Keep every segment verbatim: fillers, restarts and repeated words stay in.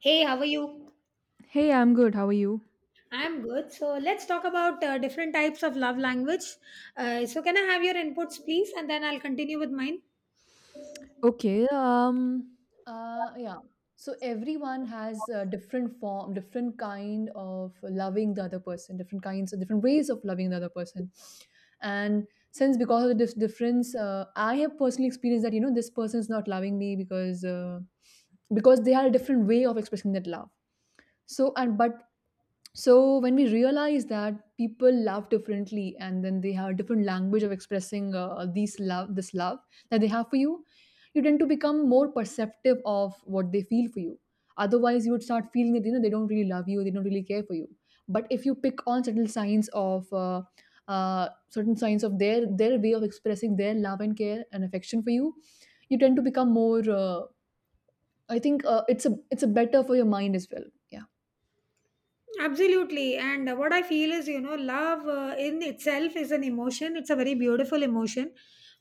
Hey, how are you? Hey, I'm good. How are you? I'm good. So let's talk about uh, different types of love language. Uh, so can I have your inputs, please, and then I'll continue with mine. Okay, um, uh, yeah. So everyone has a different form, different kind of loving the other person, different kinds of different ways of loving the other person. And since because of this difference, uh, I have personally experienced that you know this person is not loving me because uh, because they had a different way of expressing that love. So and but So when we realize that people love differently and then they have a different language of expressing uh, these love this love that they have for you, you tend to become more perceptive of what they feel for you. Otherwise, you would start feeling that you know they don't really love you, they don't really care for you. But if you pick on certain signs of uh, uh, certain signs of their their way of expressing their love and care and affection for you, you tend to become more. Uh, I think uh, it's a it's a better for your mind as well. Yeah. Absolutely. And uh, what I feel is, you know, love uh, in itself is an emotion. It's a very beautiful emotion.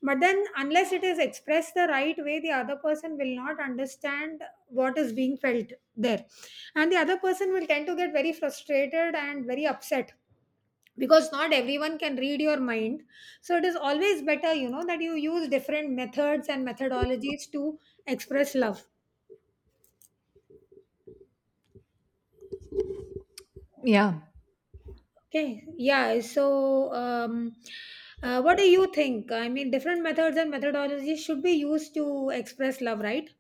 But then, unless it is expressed the right way, the other person will not understand what is being felt there. And the other person will tend to get very frustrated and very upset, because not everyone can read your mind, so it is always better, you know, that you use different methods and methodologies to express love. Yeah, Okay, yeah. So um uh, what do you think, I mean, different methods and methodologies should be used to express love, right?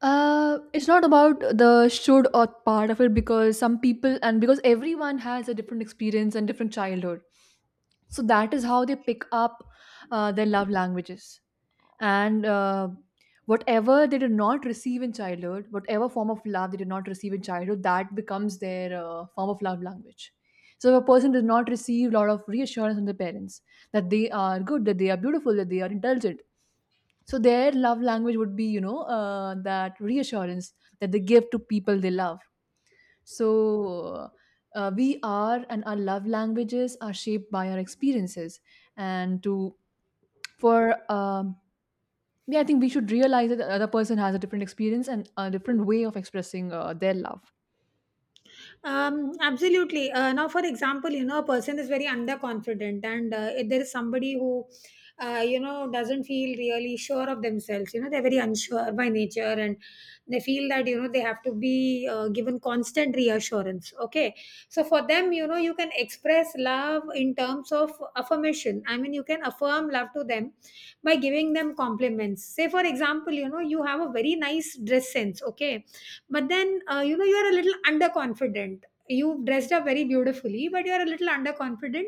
Uh, it's not about the should or part of it because some people and because everyone has a different experience and different childhood. So that is how they pick up uh, their love languages. And uh, whatever they did not receive in childhood, whatever form of love they did not receive in childhood, that becomes their uh, form of love language. So if a person does not receive a lot of reassurance from their parents that they are good, that they are beautiful, that they are intelligent, so their love language would be, you know, uh, that reassurance that they give to people they love. So uh, we are and our love languages are shaped by our experiences. And to for um, yeah, I think we should realize that the other person has a different experience and a different way of expressing uh, their love. Um, absolutely. Uh, now, for example, you know, a person is very underconfident, and uh, if there is somebody who, uh, you know, doesn't feel really sure of themselves, you know, they're very unsure by nature, and they feel that, you know, they have to be uh, given constant reassurance. Okay. So, for them, you know, you can express love in terms of affirmation. I mean, you can affirm love to them by giving them compliments. Say, for example, you know, you have a very nice dress sense. Okay, but then uh, you know, you are a little underconfident. You've dressed up very beautifully, but you're a little underconfident,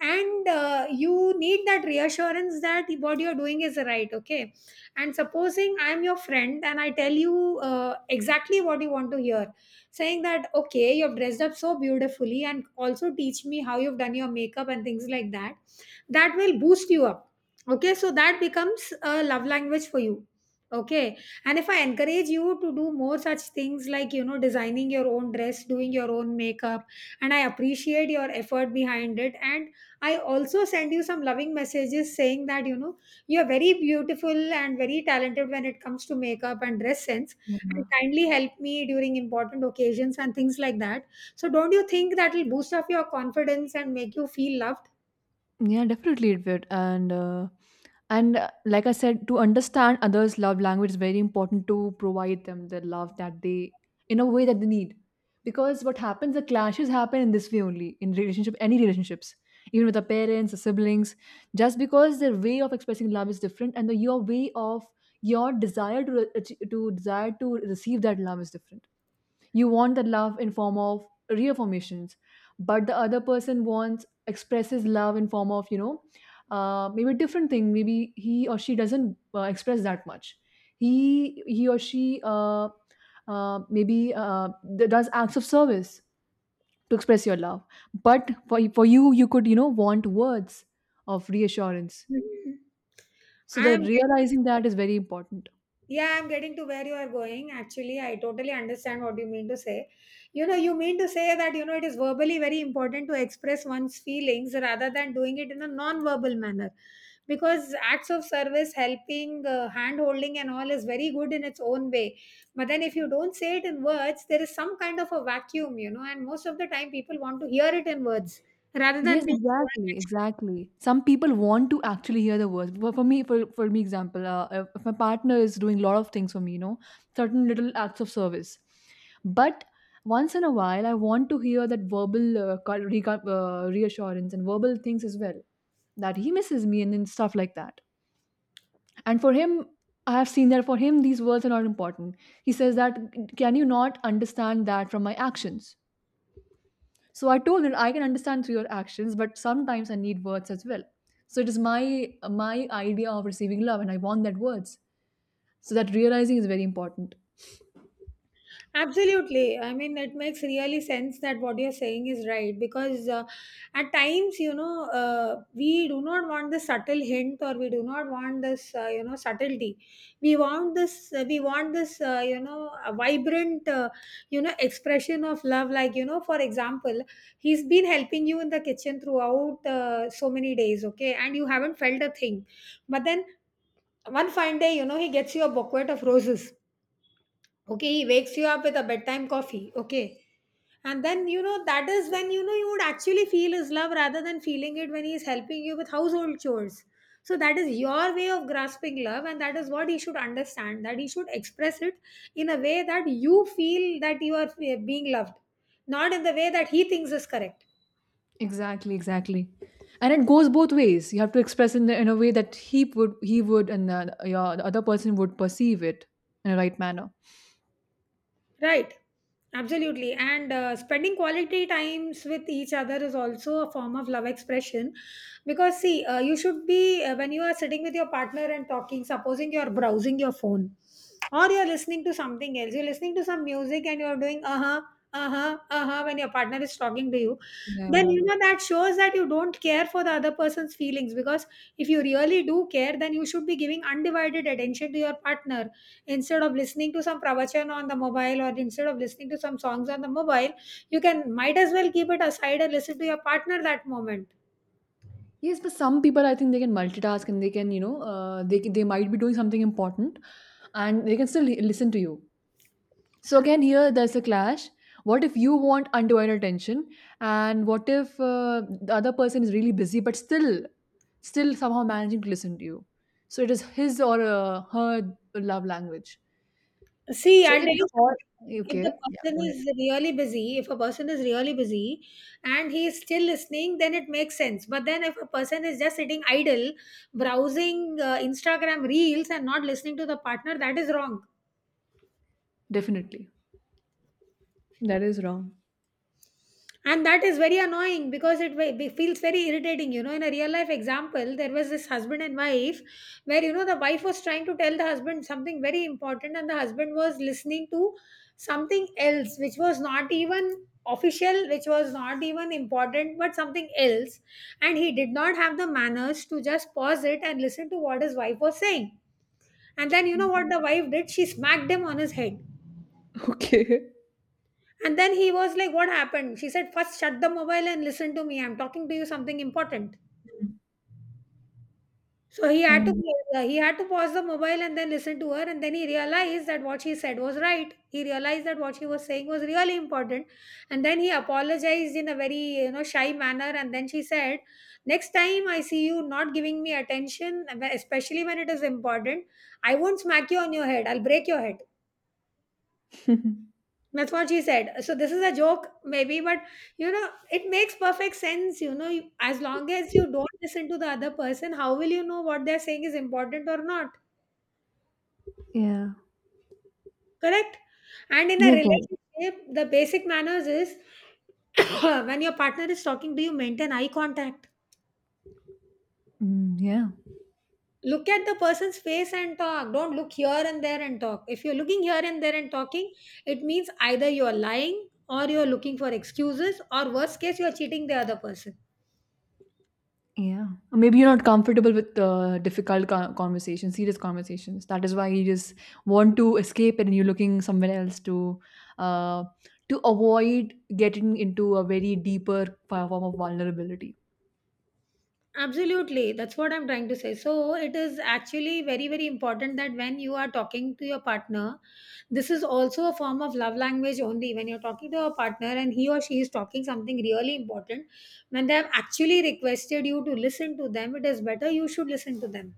and uh, you need that reassurance that what you're doing is right. Okay, and supposing I'm your friend and I tell you uh, exactly what you want to hear, saying that okay, you've dressed up so beautifully, and also teach me how you've done your makeup and things like that. That will boost you up. Okay, so that becomes a love language for you. Okay, and if I encourage you to do more such things like, you know, designing your own dress, doing your own makeup, and I appreciate your effort behind it. And I also send you some loving messages saying that, you know, you're very beautiful and very talented when it comes to makeup and dress sense, and kindly help me during important occasions and things like that. So, don't you think that will boost up your confidence and make you feel loved? Yeah, definitely it would. And uh, and uh, like I said, to understand others' love language is very important to provide them the love that they in a way that they need. Because what happens, the clashes happen in this way only in relationship, any relationships, even with the parents, the siblings, just because their way of expressing love is different and the, your way of your desire to re- ach- to desire to receive that love is different. You want the love in form of reaffirmations, but the other person wants expresses love in form of you know uh, maybe different thing. Maybe he or she doesn't uh, express that much. He he or she uh, uh, maybe uh, d- does acts of service to express your love, but for for you you could you know want words of reassurance. Mhm. So I the am realizing that is very important. Yeah, I'm getting to where you are going. Actually, I totally understand what you mean to say. You know, you mean to say that, you know, it is verbally very important to express one's feelings rather than doing it in a non verbal manner. Because acts of service, helping, uh, hand holding, and all is very good in its own way. But then if you don't say it in words, there is some kind of a vacuum, you know, and most of the time people want to hear it in words rather than Yes, being exactly, told. exactly. Some people want to actually hear the words. But for me, for for me, example, uh, if if my partner is doing a lot of things for me, you know, certain little acts of service. But once in a while, I want to hear that verbal uh, co- reco- uh, reassurance and verbal things as well. That he misses me and then stuff like that. And for him, I have seen that for him, these words are not important. He says that, can you not understand that from my actions? So I told him I can understand through your actions, but sometimes I need words as well. So it is my my idea of receiving love, and I want that words. So that realizing is very important. Absolutely. I mean, it makes really sense that what you're saying is right, because uh, at times, you know, uh, we do not want the subtle hint, or we do not want this, uh, you know, subtlety. We want this, uh, we want this, uh, you know, a vibrant, uh, you know, expression of love. Like, you know, for example, he's been helping you in the kitchen throughout uh, so many days, okay, and you haven't felt a thing. But then one fine day, you know, he gets you a bouquet of roses. Okay, he wakes you up with a bedtime coffee. Okay, and then, you know, that is when you know you would actually feel his love, rather than feeling it when he is helping you with household chores. So that is your way of grasping love, and that is what he should understand, that he should express it in a way that you feel that you are eh, being loved, not in the way that he thinks is correct. Exactly, exactly, and it goes both ways. You have to express in the, in a way that he would he would and uh, your the other person would perceive it in a right manner. Right, absolutely. And uh, spending quality times with each other is also a form of love expression. Because, see, uh, you should be, uh, when you are sitting with your partner and talking, supposing you are browsing your phone, or you're listening to something else, you're listening to some music, and you're doing uh huh, uh huh, uh huh when your partner is talking to you, then Yeah. you know that shows that you don't care for the other person's feelings, because if you really do care, then you should be giving undivided attention to your partner, instead of listening to some pravachan on the mobile, or instead of listening to some songs on the mobile. You can might as well keep it aside and listen to your partner that moment. Yes, but some people I think they can multitask and they can you know uh, they can, they might be doing something important, and they can still li- listen to you. So again, here there's a clash. What if you want undivided attention, and what if uh, the other person is really busy but still, still somehow managing to listen to you? So it is his or uh, her love language. See, So I'll again, tell the you all something. If the okay, yeah, person go ahead. is really busy, if a person is really busy and he is still listening, then it makes sense. But then if a person is just sitting idle, browsing uh, Instagram reels and not listening to the partner, that is wrong. Definitely. That is wrong. And that is very annoying, because it ve- be- feels very irritating. You know, in a real life example, there was this husband and wife, where, you know, the wife was trying to tell the husband something very important, and the husband was listening to something else, which was not even official, which was not even important, but something else. And he did not have the manners to just pause it and listen to what his wife was saying. And then, you know what the wife did? She smacked him on his head. Okay. And then he was like, "What happened?" She said, "First, shut the mobile and listen to me. I'm talking to you something important." Mm. So he had Yeah. to uh, he had to pause the mobile and then listen to her, and then he realized that what she said was right. He realized that what she was saying was really important. And then he apologized in a very, you know, shy manner, and then she said, "Next time I see you not giving me attention, especially when it is important, I won't smack you on your head. I'll break your head." That's what she said. So this is a joke, maybe, but, you know, it makes perfect sense. You know, You- as long as you don't listen to the other person, how will you know what they're saying is important or not? Yeah, Correct? And in a yeah, go. relationship, the basic manners is when your partner is talking, do you maintain eye contact? Mm, yeah. Look at the person's face and talk. Don't look here and there and talk. If you're looking here and there and talking, it means either you're lying, or you're looking for excuses, or worst case, you're cheating the other person. Yeah. Or maybe you're not comfortable with uh, difficult co- conversations, serious conversations. That is why you just want to escape it and you're looking somewhere else to uh, to avoid getting into a very deeper fo- form of vulnerability. Absolutely, that's what I'm trying to say. So, it is actually very, very important that when you are talking to your partner, this is also a form of love language only. When you're talking to your partner and he or she is talking something really important, when they have actually requested you to listen to them, it is better you should listen to them,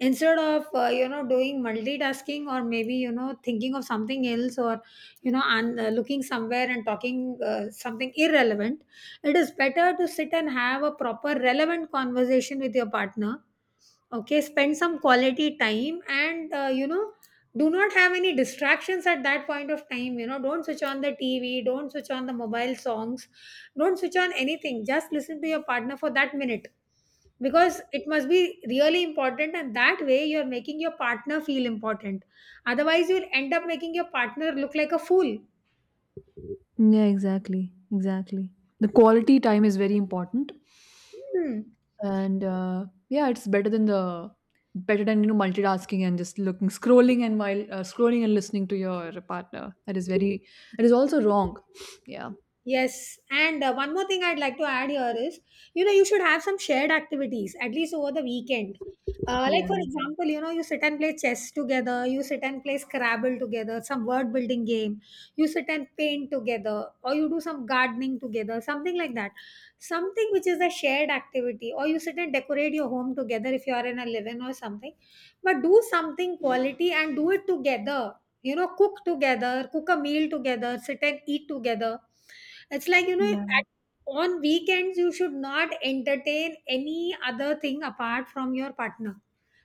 instead of uh, you know, doing multitasking, or maybe, you know, thinking of something else, or, you know, and uh, looking somewhere and talking uh, something irrelevant. It is better to sit and have a proper relevant conversation with your partner. Okay, spend some quality time, and uh, you know, do not have any distractions at that point of time. You know, don't switch on the T V, don't switch on the mobile songs, don't switch on anything. Just listen to your partner for that minute, because it must be really important, and that way you're making your partner feel important. Otherwise, you'll end up making your partner look like a fool. Yeah, exactly. Exactly. The quality time is very important. Hmm. And, uh, yeah, it's better than the better than, you know, multitasking and just looking scrolling and while uh, scrolling and listening to your partner. That is very that is also wrong. Yeah. Yes, and uh, one more thing I'd like to add here is, you know, you should have some shared activities at least over the weekend. Uh, like for Yeah. example, you know, you sit and play chess together, you sit and play Scrabble together, some word building game, you sit and paint together, or you do some gardening together, something like that. Something which is a shared activity, or you sit and decorate your home together if you are in a live-in or something. But do something quality and do it together, you know, cook together, cook a meal together, sit and eat together. It's like, you know, at, Yeah. on weekends, you should not entertain any other thing apart from your partner.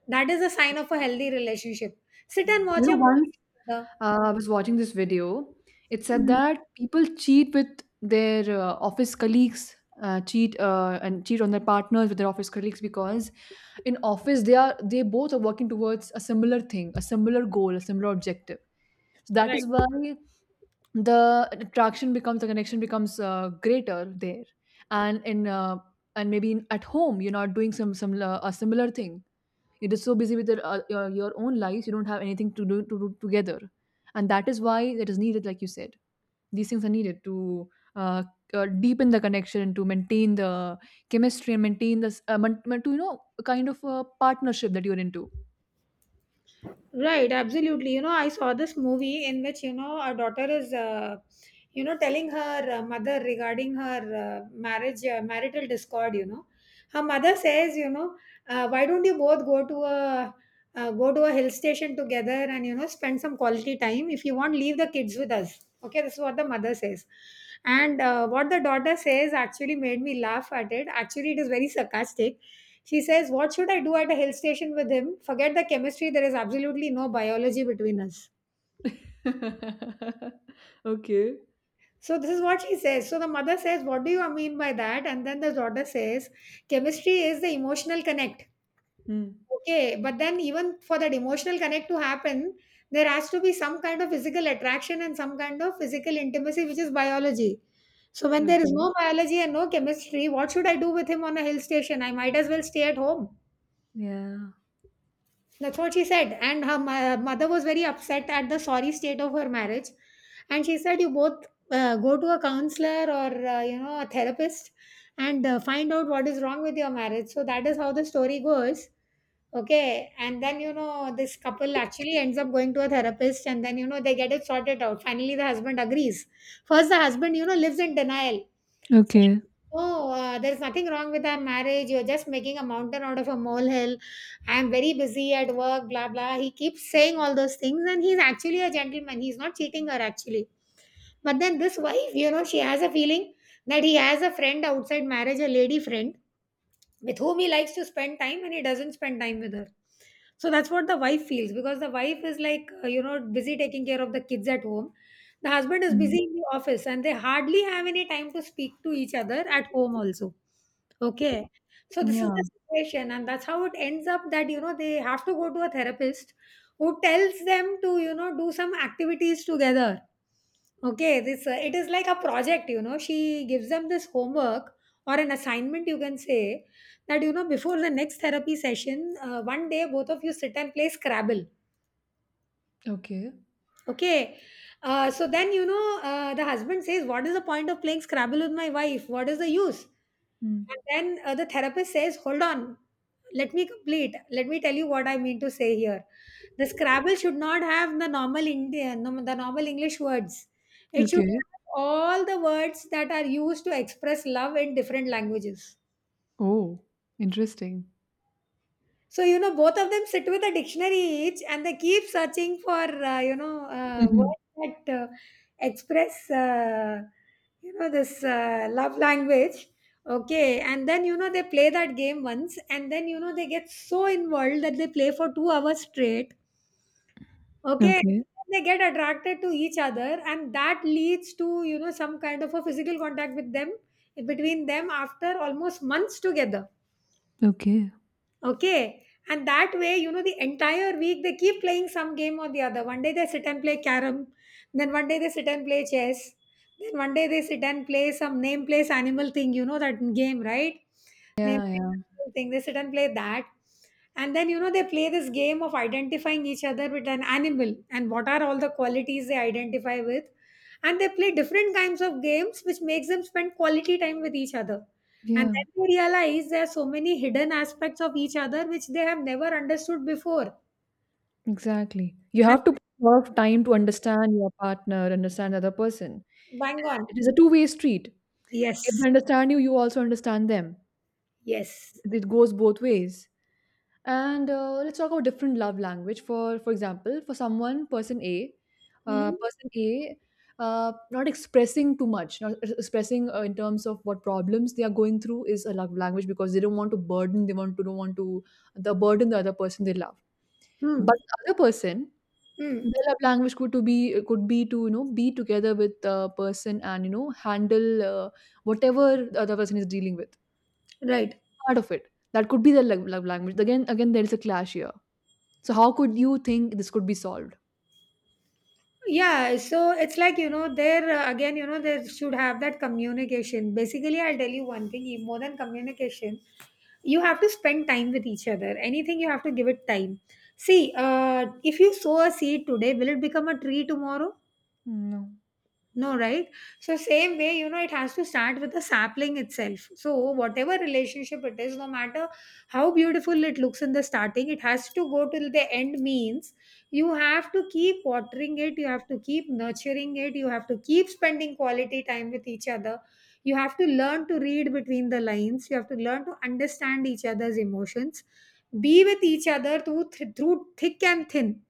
That is a sign of a healthy relationship. Sit Yeah. and watch You know, a movie once together. uh, I was watching this video, it said Mm. that people cheat with their uh, office colleagues, uh, cheat uh, and cheat on their partners with their office colleagues because in office they are they both are working towards a similar thing, a similar goal, a similar objective. So that is why the attraction becomes the connection becomes uh, greater there and in uh, and maybe in, at home you're not doing some some uh, a similar thing. You're just so busy with your, uh, your your own life. You don't have anything to do to do together, and that is why that is needed. Like you said, these things are needed to uh, uh, deepen the connection and to maintain the chemistry and maintain this uh, mon- mon- to you know a kind of a partnership that you're into. Right, absolutely. You know, I saw this movie in which, you know, our daughter is, uh, you know, telling her uh, mother regarding her uh, marriage, uh, marital discord, you know. Her mother says, you know, uh, why don't you both go to a uh, go to a hill station together, and you know, spend some quality time. If you want, leave the kids with us. Okay, this is what the mother says. And uh, what the daughter says actually made me laugh at it. Actually, it is very sarcastic. She says, "What should I do at a hill station with him? Forget the chemistry, there is absolutely no biology between us." Okay. So this is what she says. So the mother says, "What do you mean by that?" And then the daughter says, "Chemistry is the emotional connect. Hmm. Okay, but then even for that emotional connect to happen, there has to be some kind of physical attraction and some kind of physical intimacy, which is biology. So when there is Okay. no biology and no chemistry, what should I do with him on a hill station? I might as well stay at home." Yeah. That's what she said. And her mo- mother was very upset at the sorry state of her marriage. And she said, "You both uh, go to a counselor or, uh, you know, a therapist and uh, find out what is wrong with your marriage." So that is how the story goes. Okay. And then, you know, this couple actually ends up going to a therapist, and then, you know, they get it sorted out. Finally, the husband agrees. First, the husband, you know, lives in denial. Okay. Oh, uh, there's nothing wrong with our marriage. You're just making a mountain out of a molehill. I'm very busy at work, blah, blah. He keeps saying all those things, and he's actually a gentleman. He's not cheating her, actually. But then this wife, you know, she has a feeling that he has a friend outside marriage, a lady friend, with whom he likes to spend time, and he doesn't spend time with her. So that's what the wife feels, because the wife is like, uh, you know busy taking care of the kids at home. The husband is Mm. busy in the office, and they hardly have any time to speak to each other at home also. Okay, so this is Yeah. the situation, and that's how it ends up, that you know, they have to go to a therapist who tells them to, you know, do some activities together. Okay, this uh, it is like a project, you know. She gives them this homework, or an assignment you can say, that you know, before the next therapy session, uh, one day both of you sit and play Scrabble. Okay. Okay, uh, so then, you know, uh, the husband says, "What is the point of playing Scrabble with my wife? What is the use?" Mm. And then uh, the therapist says, "Hold on, let me complete, let me tell you what I mean to say here. The Scrabble should not have the normal Indian, the normal English words. It should Okay. have all the words that are used to express love in different languages." Oh, interesting. So, you know, both of them sit with a dictionary each, and they keep searching for, uh, you know, uh, Mhm. words that uh, express, uh, you know, this uh, love language. Okay. And then, you know, they play that game once, and then, you know, they get so involved that they play for two hours straight. Okay. Okay. They get attracted to each other, and that leads to, you know, some kind of a physical contact with them, between them, after almost months together. Okay. Okay. And that way, you know, the entire week they keep playing some game or the other. One day they sit and play carom, then one day they sit and play chess, then one day they sit and play some name place animal thing, you know, that game, right? Name Yeah, place yeah, animal thing. They sit and play that. And then, you know, they play this game of identifying each other with an animal, and what are all the qualities they identify with. And they play different kinds of games, which makes them spend quality time with each other. And yeah, then they realize there are so many hidden aspects of each other which they have never understood before. exactly. You And have to put a lot of time to understand your partner, understand the other person. bang on. It is a two-way street. If they Yes. understand you, you also understand them. Yes. It goes both ways. And uh, let's talk about different love language. For for example, for someone, person A, uh, Mm-hmm. person A, uh, not expressing too much, not ex- expressing uh, in terms of what problems they are going through is a love language because they don't want to burden, they want to don't want to the burden the other person they love. Mm. But the other person, Mm. their love language could to be could be to you know be together with the person and you know handle uh, whatever the other person is dealing with. Right. Part of it that could be their love love language. Again, again, there is a clash here, so how could you think this could be solved? Yeah. So it's like, you know, there uh, again, you know, there should have that communication. Basically, I'll tell you one thing, e- more than communication, you have to spend time with each other. Anything, you have to give it time. See, uh, if you sow a seed today, will it become a tree tomorrow? No. No, right? So, same way, you know, it has to start with the sapling itself. So whatever relationship it is, no matter how beautiful it looks in the starting, it has to go till the end. Means, you have to keep watering it, you have to keep nurturing it, you have to keep spending quality time with each other. You have to learn to read between the lines, you have to learn to understand each other's emotions, be with each other through, th- through thick and thin.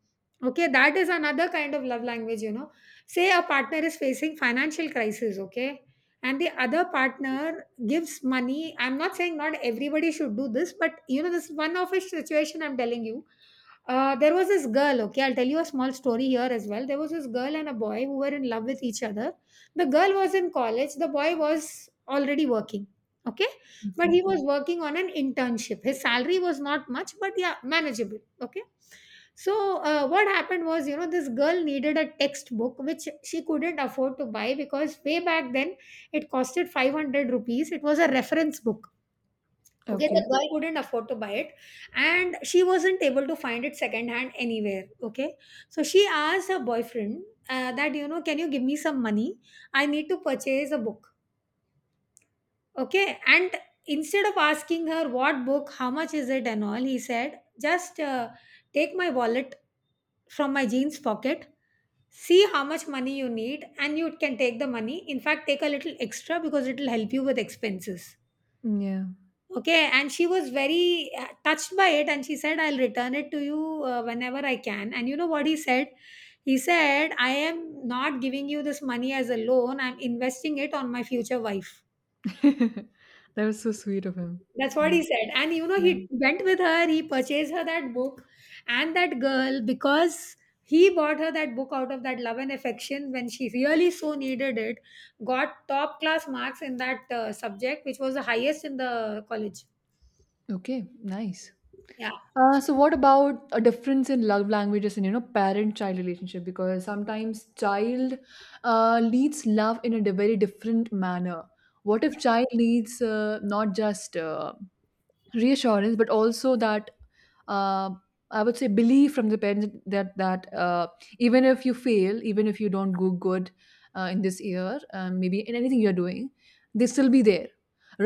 Okay, that is another kind of love language, you know. Say a partner is facing financial crisis, okay? And the other partner gives money. I'm not saying not everybody should do this, but you know, this is one of a situation I'm telling you. Uh, there was this girl, okay, I'll tell you a small story here as well. There was this girl and a boy who were in love with each other. The girl was in college, the boy was already working, okay? But Okay. he was okay, working on an internship. His salary was not much, but yeah, manageable, okay? So, uh, what happened was, you know, this girl needed a textbook which she couldn't afford to buy, because way back then it costed 500 rupees. It was a reference book. Okay, the Okay. girl couldn't afford to buy it, and she wasn't able to find it secondhand anywhere. Okay, so she asked her boyfriend, uh, that, you know, "Can you give me some money? I need to purchase a book." Okay, and instead of asking her what book, how much is it, and all, he said, just uh, take my wallet from my jeans pocket, see how much money you need, and you can take the money. In fact, take a little extra, because it will help you with expenses. Yeah. Okay, and she was very uh, touched by it, and she said, "I'll return it to you uh, whenever I can." And you know what he said? He said, "I am not giving you this money as a loan, I'm investing it on my future wife." That was so sweet of him. That's what Mm. he said. And you know, Yeah. he went with her, he purchased her that book. And that girl, because he bought her that book out of that love and affection when she really so needed it, got top class marks in that uh, subject, which was the highest in the college. Okay. Nice. Yeah. Uh, so what about a difference in love languages and you know parent-child relationship? Because sometimes child uh, leads love in a di- very different manner. What if child leads uh, not just uh, reassurance but also that uh, I would say belief from the parents that that uh, even if you fail, even if you don't go good uh, in this year, um, maybe in anything you're doing, they still be there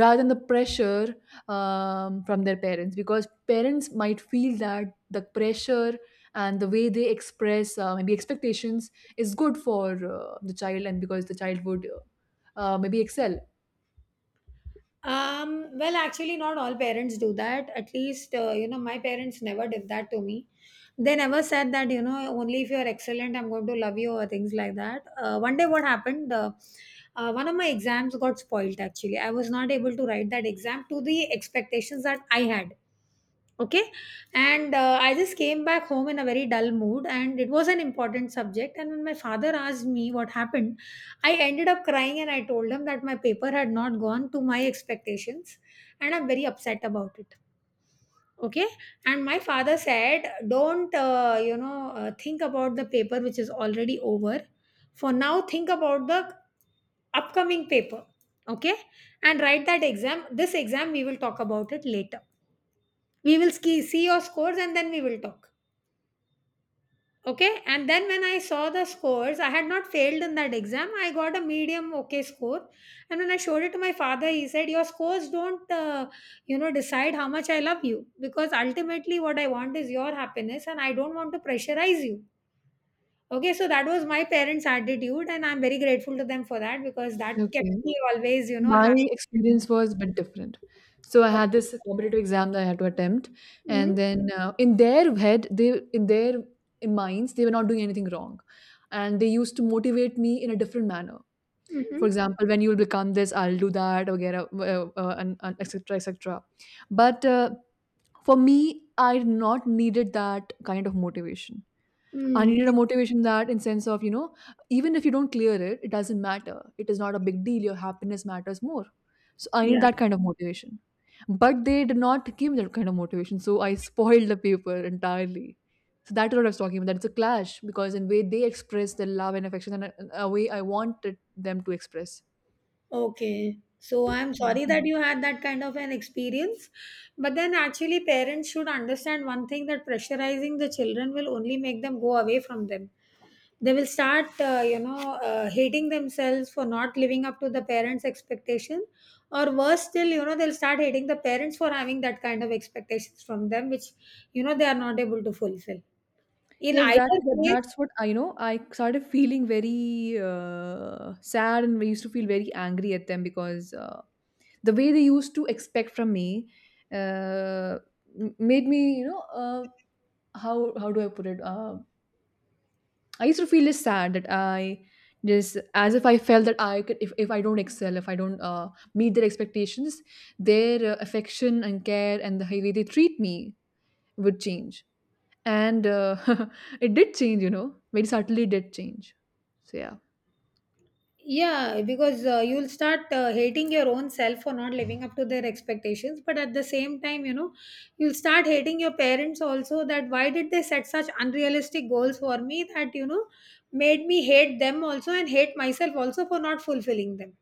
rather than the pressure um, from their parents, because parents might feel that the pressure and the way they express uh, maybe expectations is good for uh, the child and because the child would uh, uh, maybe excel. Um, well, actually, not all parents do that. At least, uh, you know, my parents never did that to me. They never said that, you know, only if you're excellent, I'm going to love you, or things like that. Uh, one day, what happened? Uh, uh, one of my exams got spoiled, actually. I was not able to write that exam to the expectations that I had. Okay, and uh, I just came back home in a very dull mood, and it was an important subject. And when my father asked me what happened, I ended up crying, and I told him that my paper had not gone to my expectations, and I'm very upset about it. Okay. And my father said, "Don't, uh, you know uh, think about the paper which is already over. For now, think about the upcoming paper. Okay, and write that exam. This exam we will talk about it later. We will ski- see your scores and then we will talk." Okay, and then when I saw the scores, I had not failed in that exam. I got a medium okay score. And when I showed it to my father, he said, "Your scores don't, uh, you know, decide how much I love you, because ultimately what I want is your happiness, and I don't want to pressurize you." Okay, so that was my parents' attitude, and I'm very grateful to them for that, because that kept Okay. me always, you know, My happy. experience was a bit different. So I had this competitive exam that I had to attempt, Mm-hmm, and then uh, in their head, they in their minds, they were not doing anything wrong, and they used to motivate me in a different manner. mm-hmm, For example, when you will become this, I'll do that, or get a, uh, uh, and, and et cetera et cetera. But uh, for me, I not needed that kind of motivation. I mm, needed a motivation that in sense of, you know, even if you don't clear it, it doesn't matter. It is not a big deal. Your happiness matters more. So I need yeah. that kind of motivation. But they did not give me that kind of motivation. So I spoiled the paper entirely. So that's what I was talking about. That it's a clash because in way they express their love and affection and a, a way I wanted them to express. Okay. So I'm Yeah. sorry that you had that kind of an experience. But then actually parents should understand one thing, that pressurizing the children will only make them go away from them. They will start, uh, you know, uh, hating themselves for not living up to the parents' expectation. Or worse still, you know, they'll start hating the parents for having that kind of expectations from them, which, you know, they are not able to fulfill. In Yeah, either exactly. That, case, That's what I you know. I started feeling very uh, sad, and we used to feel very angry at them because uh, the way they used to expect from me uh, m- made me, you know, uh, how how do I put it? Uh, I used to feel just sad that I just as if I felt that I could if, if I don't excel, if I don't uh, meet their expectations, their uh, affection and care and the way they treat me would change and uh, it did change, you know, very subtly did change. So yeah, yeah, because uh, you'll start uh, hating your own self for not living up to their expectations, but at the same time, you know, you'll start hating your parents also, that why did they set such unrealistic goals for me that, you know, made me hate them also and hate myself also for not fulfilling them.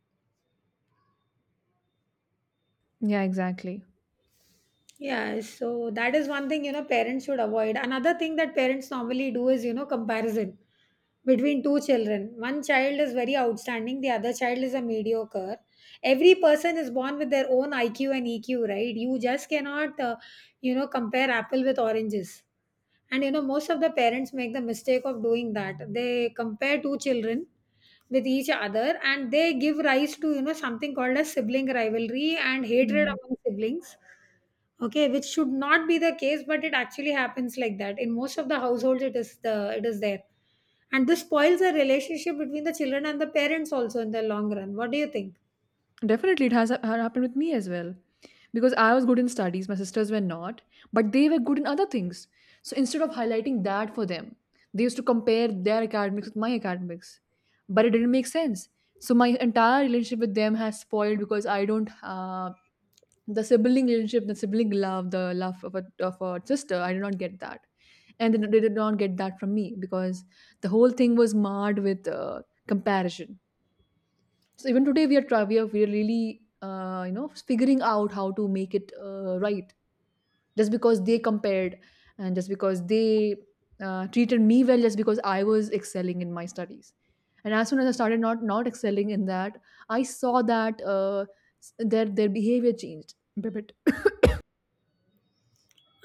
yeah, exactly. Yeah, so that is one thing, you know, parents should avoid. Another thing that parents normally do is, you know, comparison between two children. One child is very outstanding, the other child is a mediocre. Every person is born with their own I Q and E Q, right? You just cannot, uh, you know, compare apple with oranges. And, you know, most of the parents make the mistake of doing that. They compare two children with each other and they give rise to, you know, something called as sibling rivalry and hatred Yeah. among siblings. Okay, which should not be the case, but it actually happens like that. In most of the households, it is the it is there, and this spoils the relationship between the children and the parents also in the long run. What do you think? Definitely, it has ha- happened with me as well because I was good in studies, my sisters were not, but they were good in other things. So instead of highlighting that for them, they used to compare their academics with my academics, but it didn't make sense. So my entire relationship with them has spoiled because I don't uh, the sibling relationship, the sibling love, the love of a, of a sister, I did not get that. And they did not get that from me because the whole thing was marred with uh, comparison. So even today we are try- we are, we are really uh, you know figuring out how to make it uh, right. Just because they compared, and just because they uh, treated me well, just because I was excelling in my studies, and as soon as I started not not excelling in that, I saw that uh, s- their their behavior changed a bit.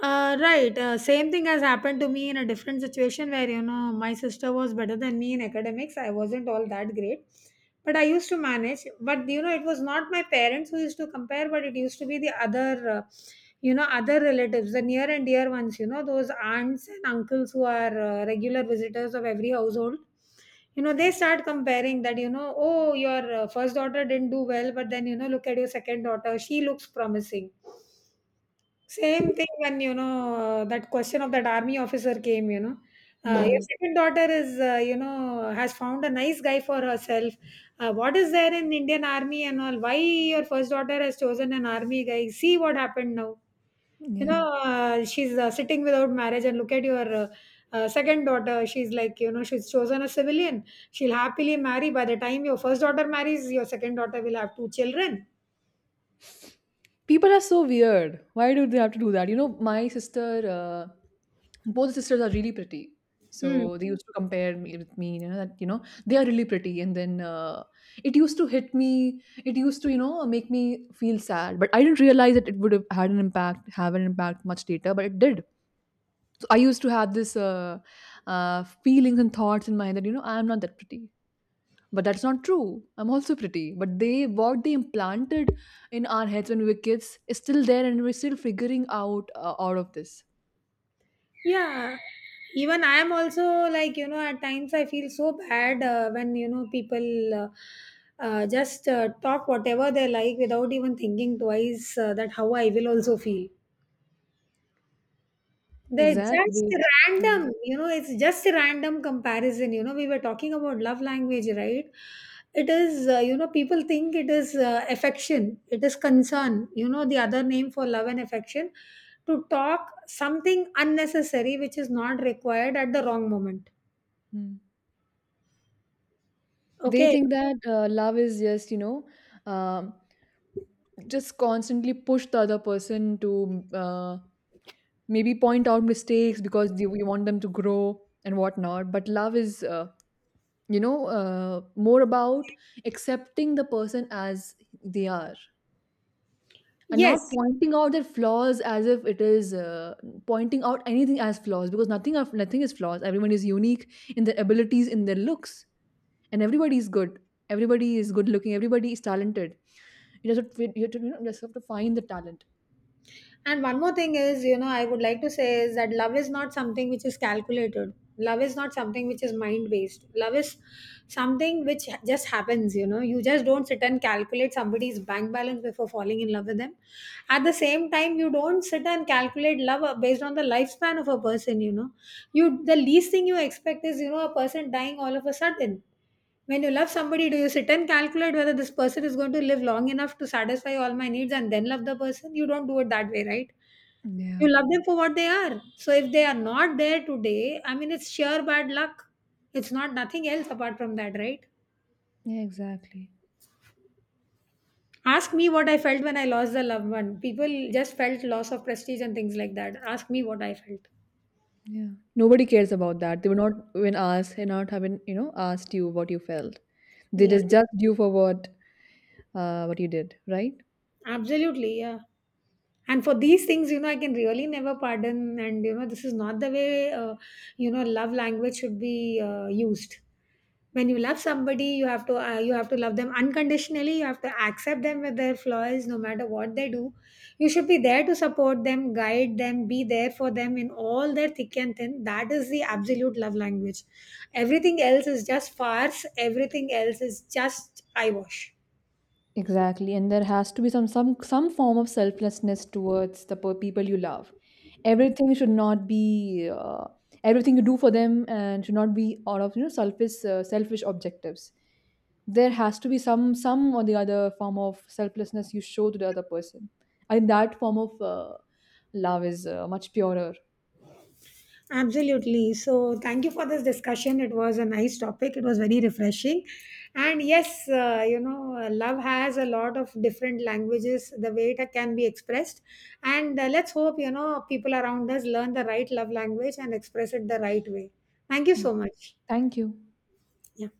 Uh, right. Uh, same thing has happened to me in a different situation where, you know, my sister was better than me in academics. I wasn't all that great, but I used to manage. But, you know, it was not my parents who used to compare, but it used to be the other, uh, you know, other relatives, the near and dear ones, you know, those aunts and uncles who are uh, regular visitors of every household. You know, they start comparing that, you know, oh, your uh, first daughter didn't do well, but then, you know, look at your second daughter. She looks promising. Same thing when, you know, that question of that army officer came, you know. Uh, your Yeah. second daughter is, uh, you know, has found a nice guy for herself. Uh, what is there in Indian army and all? Why your first daughter has chosen an army guy? See what happened now. You Yeah. know, uh, she's uh, sitting without marriage, and look at your uh, uh, second daughter. She's like, you know, she's chosen a civilian. She'll happily marry. By the time your first daughter marries, your second daughter will have two children. People are so weird. Why do they have to do that? You know, my sister, uh, both sisters are really pretty. Hmm. So they used to compare me with me, you know, that, you know, they are really pretty. And then uh, it used to hit me. It used to, you know, make me feel sad. But I didn't realize that it would have had an impact, have an impact much later, but it did. So I used to have this uh, uh, feelings and thoughts in my head that, you know, I am not that pretty. But that's not true. I'm also pretty. But they what they implanted in our heads when we were kids is still there, and we're still figuring out uh, all of this. Yeah, even I am also like, you know, at times I feel so bad uh, when, you know, people uh, uh, just uh, talk whatever they like without even thinking twice uh, that how I will also feel. They're just Exactly. Yeah. random, you know, it's just a random comparison. You know, we were talking about love language, right? It is, uh, you know, people think it is uh, affection, it is concern, you know, the other name for love and affection to talk something unnecessary which is not required at the wrong moment. Hmm. They Okay. think that uh, love is just, you know, um, just constantly push the other person to uh, maybe point out mistakes because they, we want them to grow and whatnot. But love is, uh, you know, uh, more about accepting the person as they are, and not Yes, pointing out their flaws as if it is uh, pointing out anything as flaws because nothing of nothing is flaws. Everyone is unique in their abilities, in their looks, and everybody is good, everybody is good looking, everybody is talented. You just have to, you have to, you know, just have to find the talent. and one more thing is, you know, I would like to say is that love is not something which is calculated. Love is not something which is mind based. Love is something which just happens, you know. You just don't sit and calculate somebody's bank balance before falling in love with them. At the same time, you don't sit and calculate love uh, based on the lifespan of a person, you know. You, the least thing you expect is, you know, a person dying all of a sudden. When you love somebody, do you sit and calculate whether this person is going to live long enough to satisfy all my needs and then love the person? You don't do it that way, right? Yeah, You love them for what they are. So if they are not there today, I mean, it's sheer bad luck. It's not nothing else apart from that, right? yeah, exactly. Ask me what I felt when I lost the loved one. People just felt loss of prestige and things like that. Ask me what I felt. Yeah, nobody cares about that. They were not, when asked and not having, you know, asked you what you felt, they Yeah, just judged you for what uh, what you did, right? absolutely. Yeah. And for these things, you know, I can really never pardon, and you know, this is not the way uh, you know love language should be uh, used. When you love somebody, you have to uh, you have to love them unconditionally. You have to accept them with their flaws no matter what they do. You should be there to support them, guide them, be there for them in all their thick and thin. That is the absolute love language. Everything else is just farce. Everything else is just eyewash. Exactly, and there has to be some some some form of selflessness towards the per- people you love. Everything should not be uh, everything you do for them, and should not be out of you know selfish uh, selfish objectives. There has to be some some or the other form of selflessness you show to the other person. I think that form of uh, love is uh, much purer. Absolutely. So, thank you for this discussion. It was a nice topic. It was very refreshing. And yes, uh, you know, uh, love has a lot of different languages, the way it can be expressed. And uh, let's hope, you know, people around us learn the right love language and express it the right way. Thank you so much. Thank you. Yeah.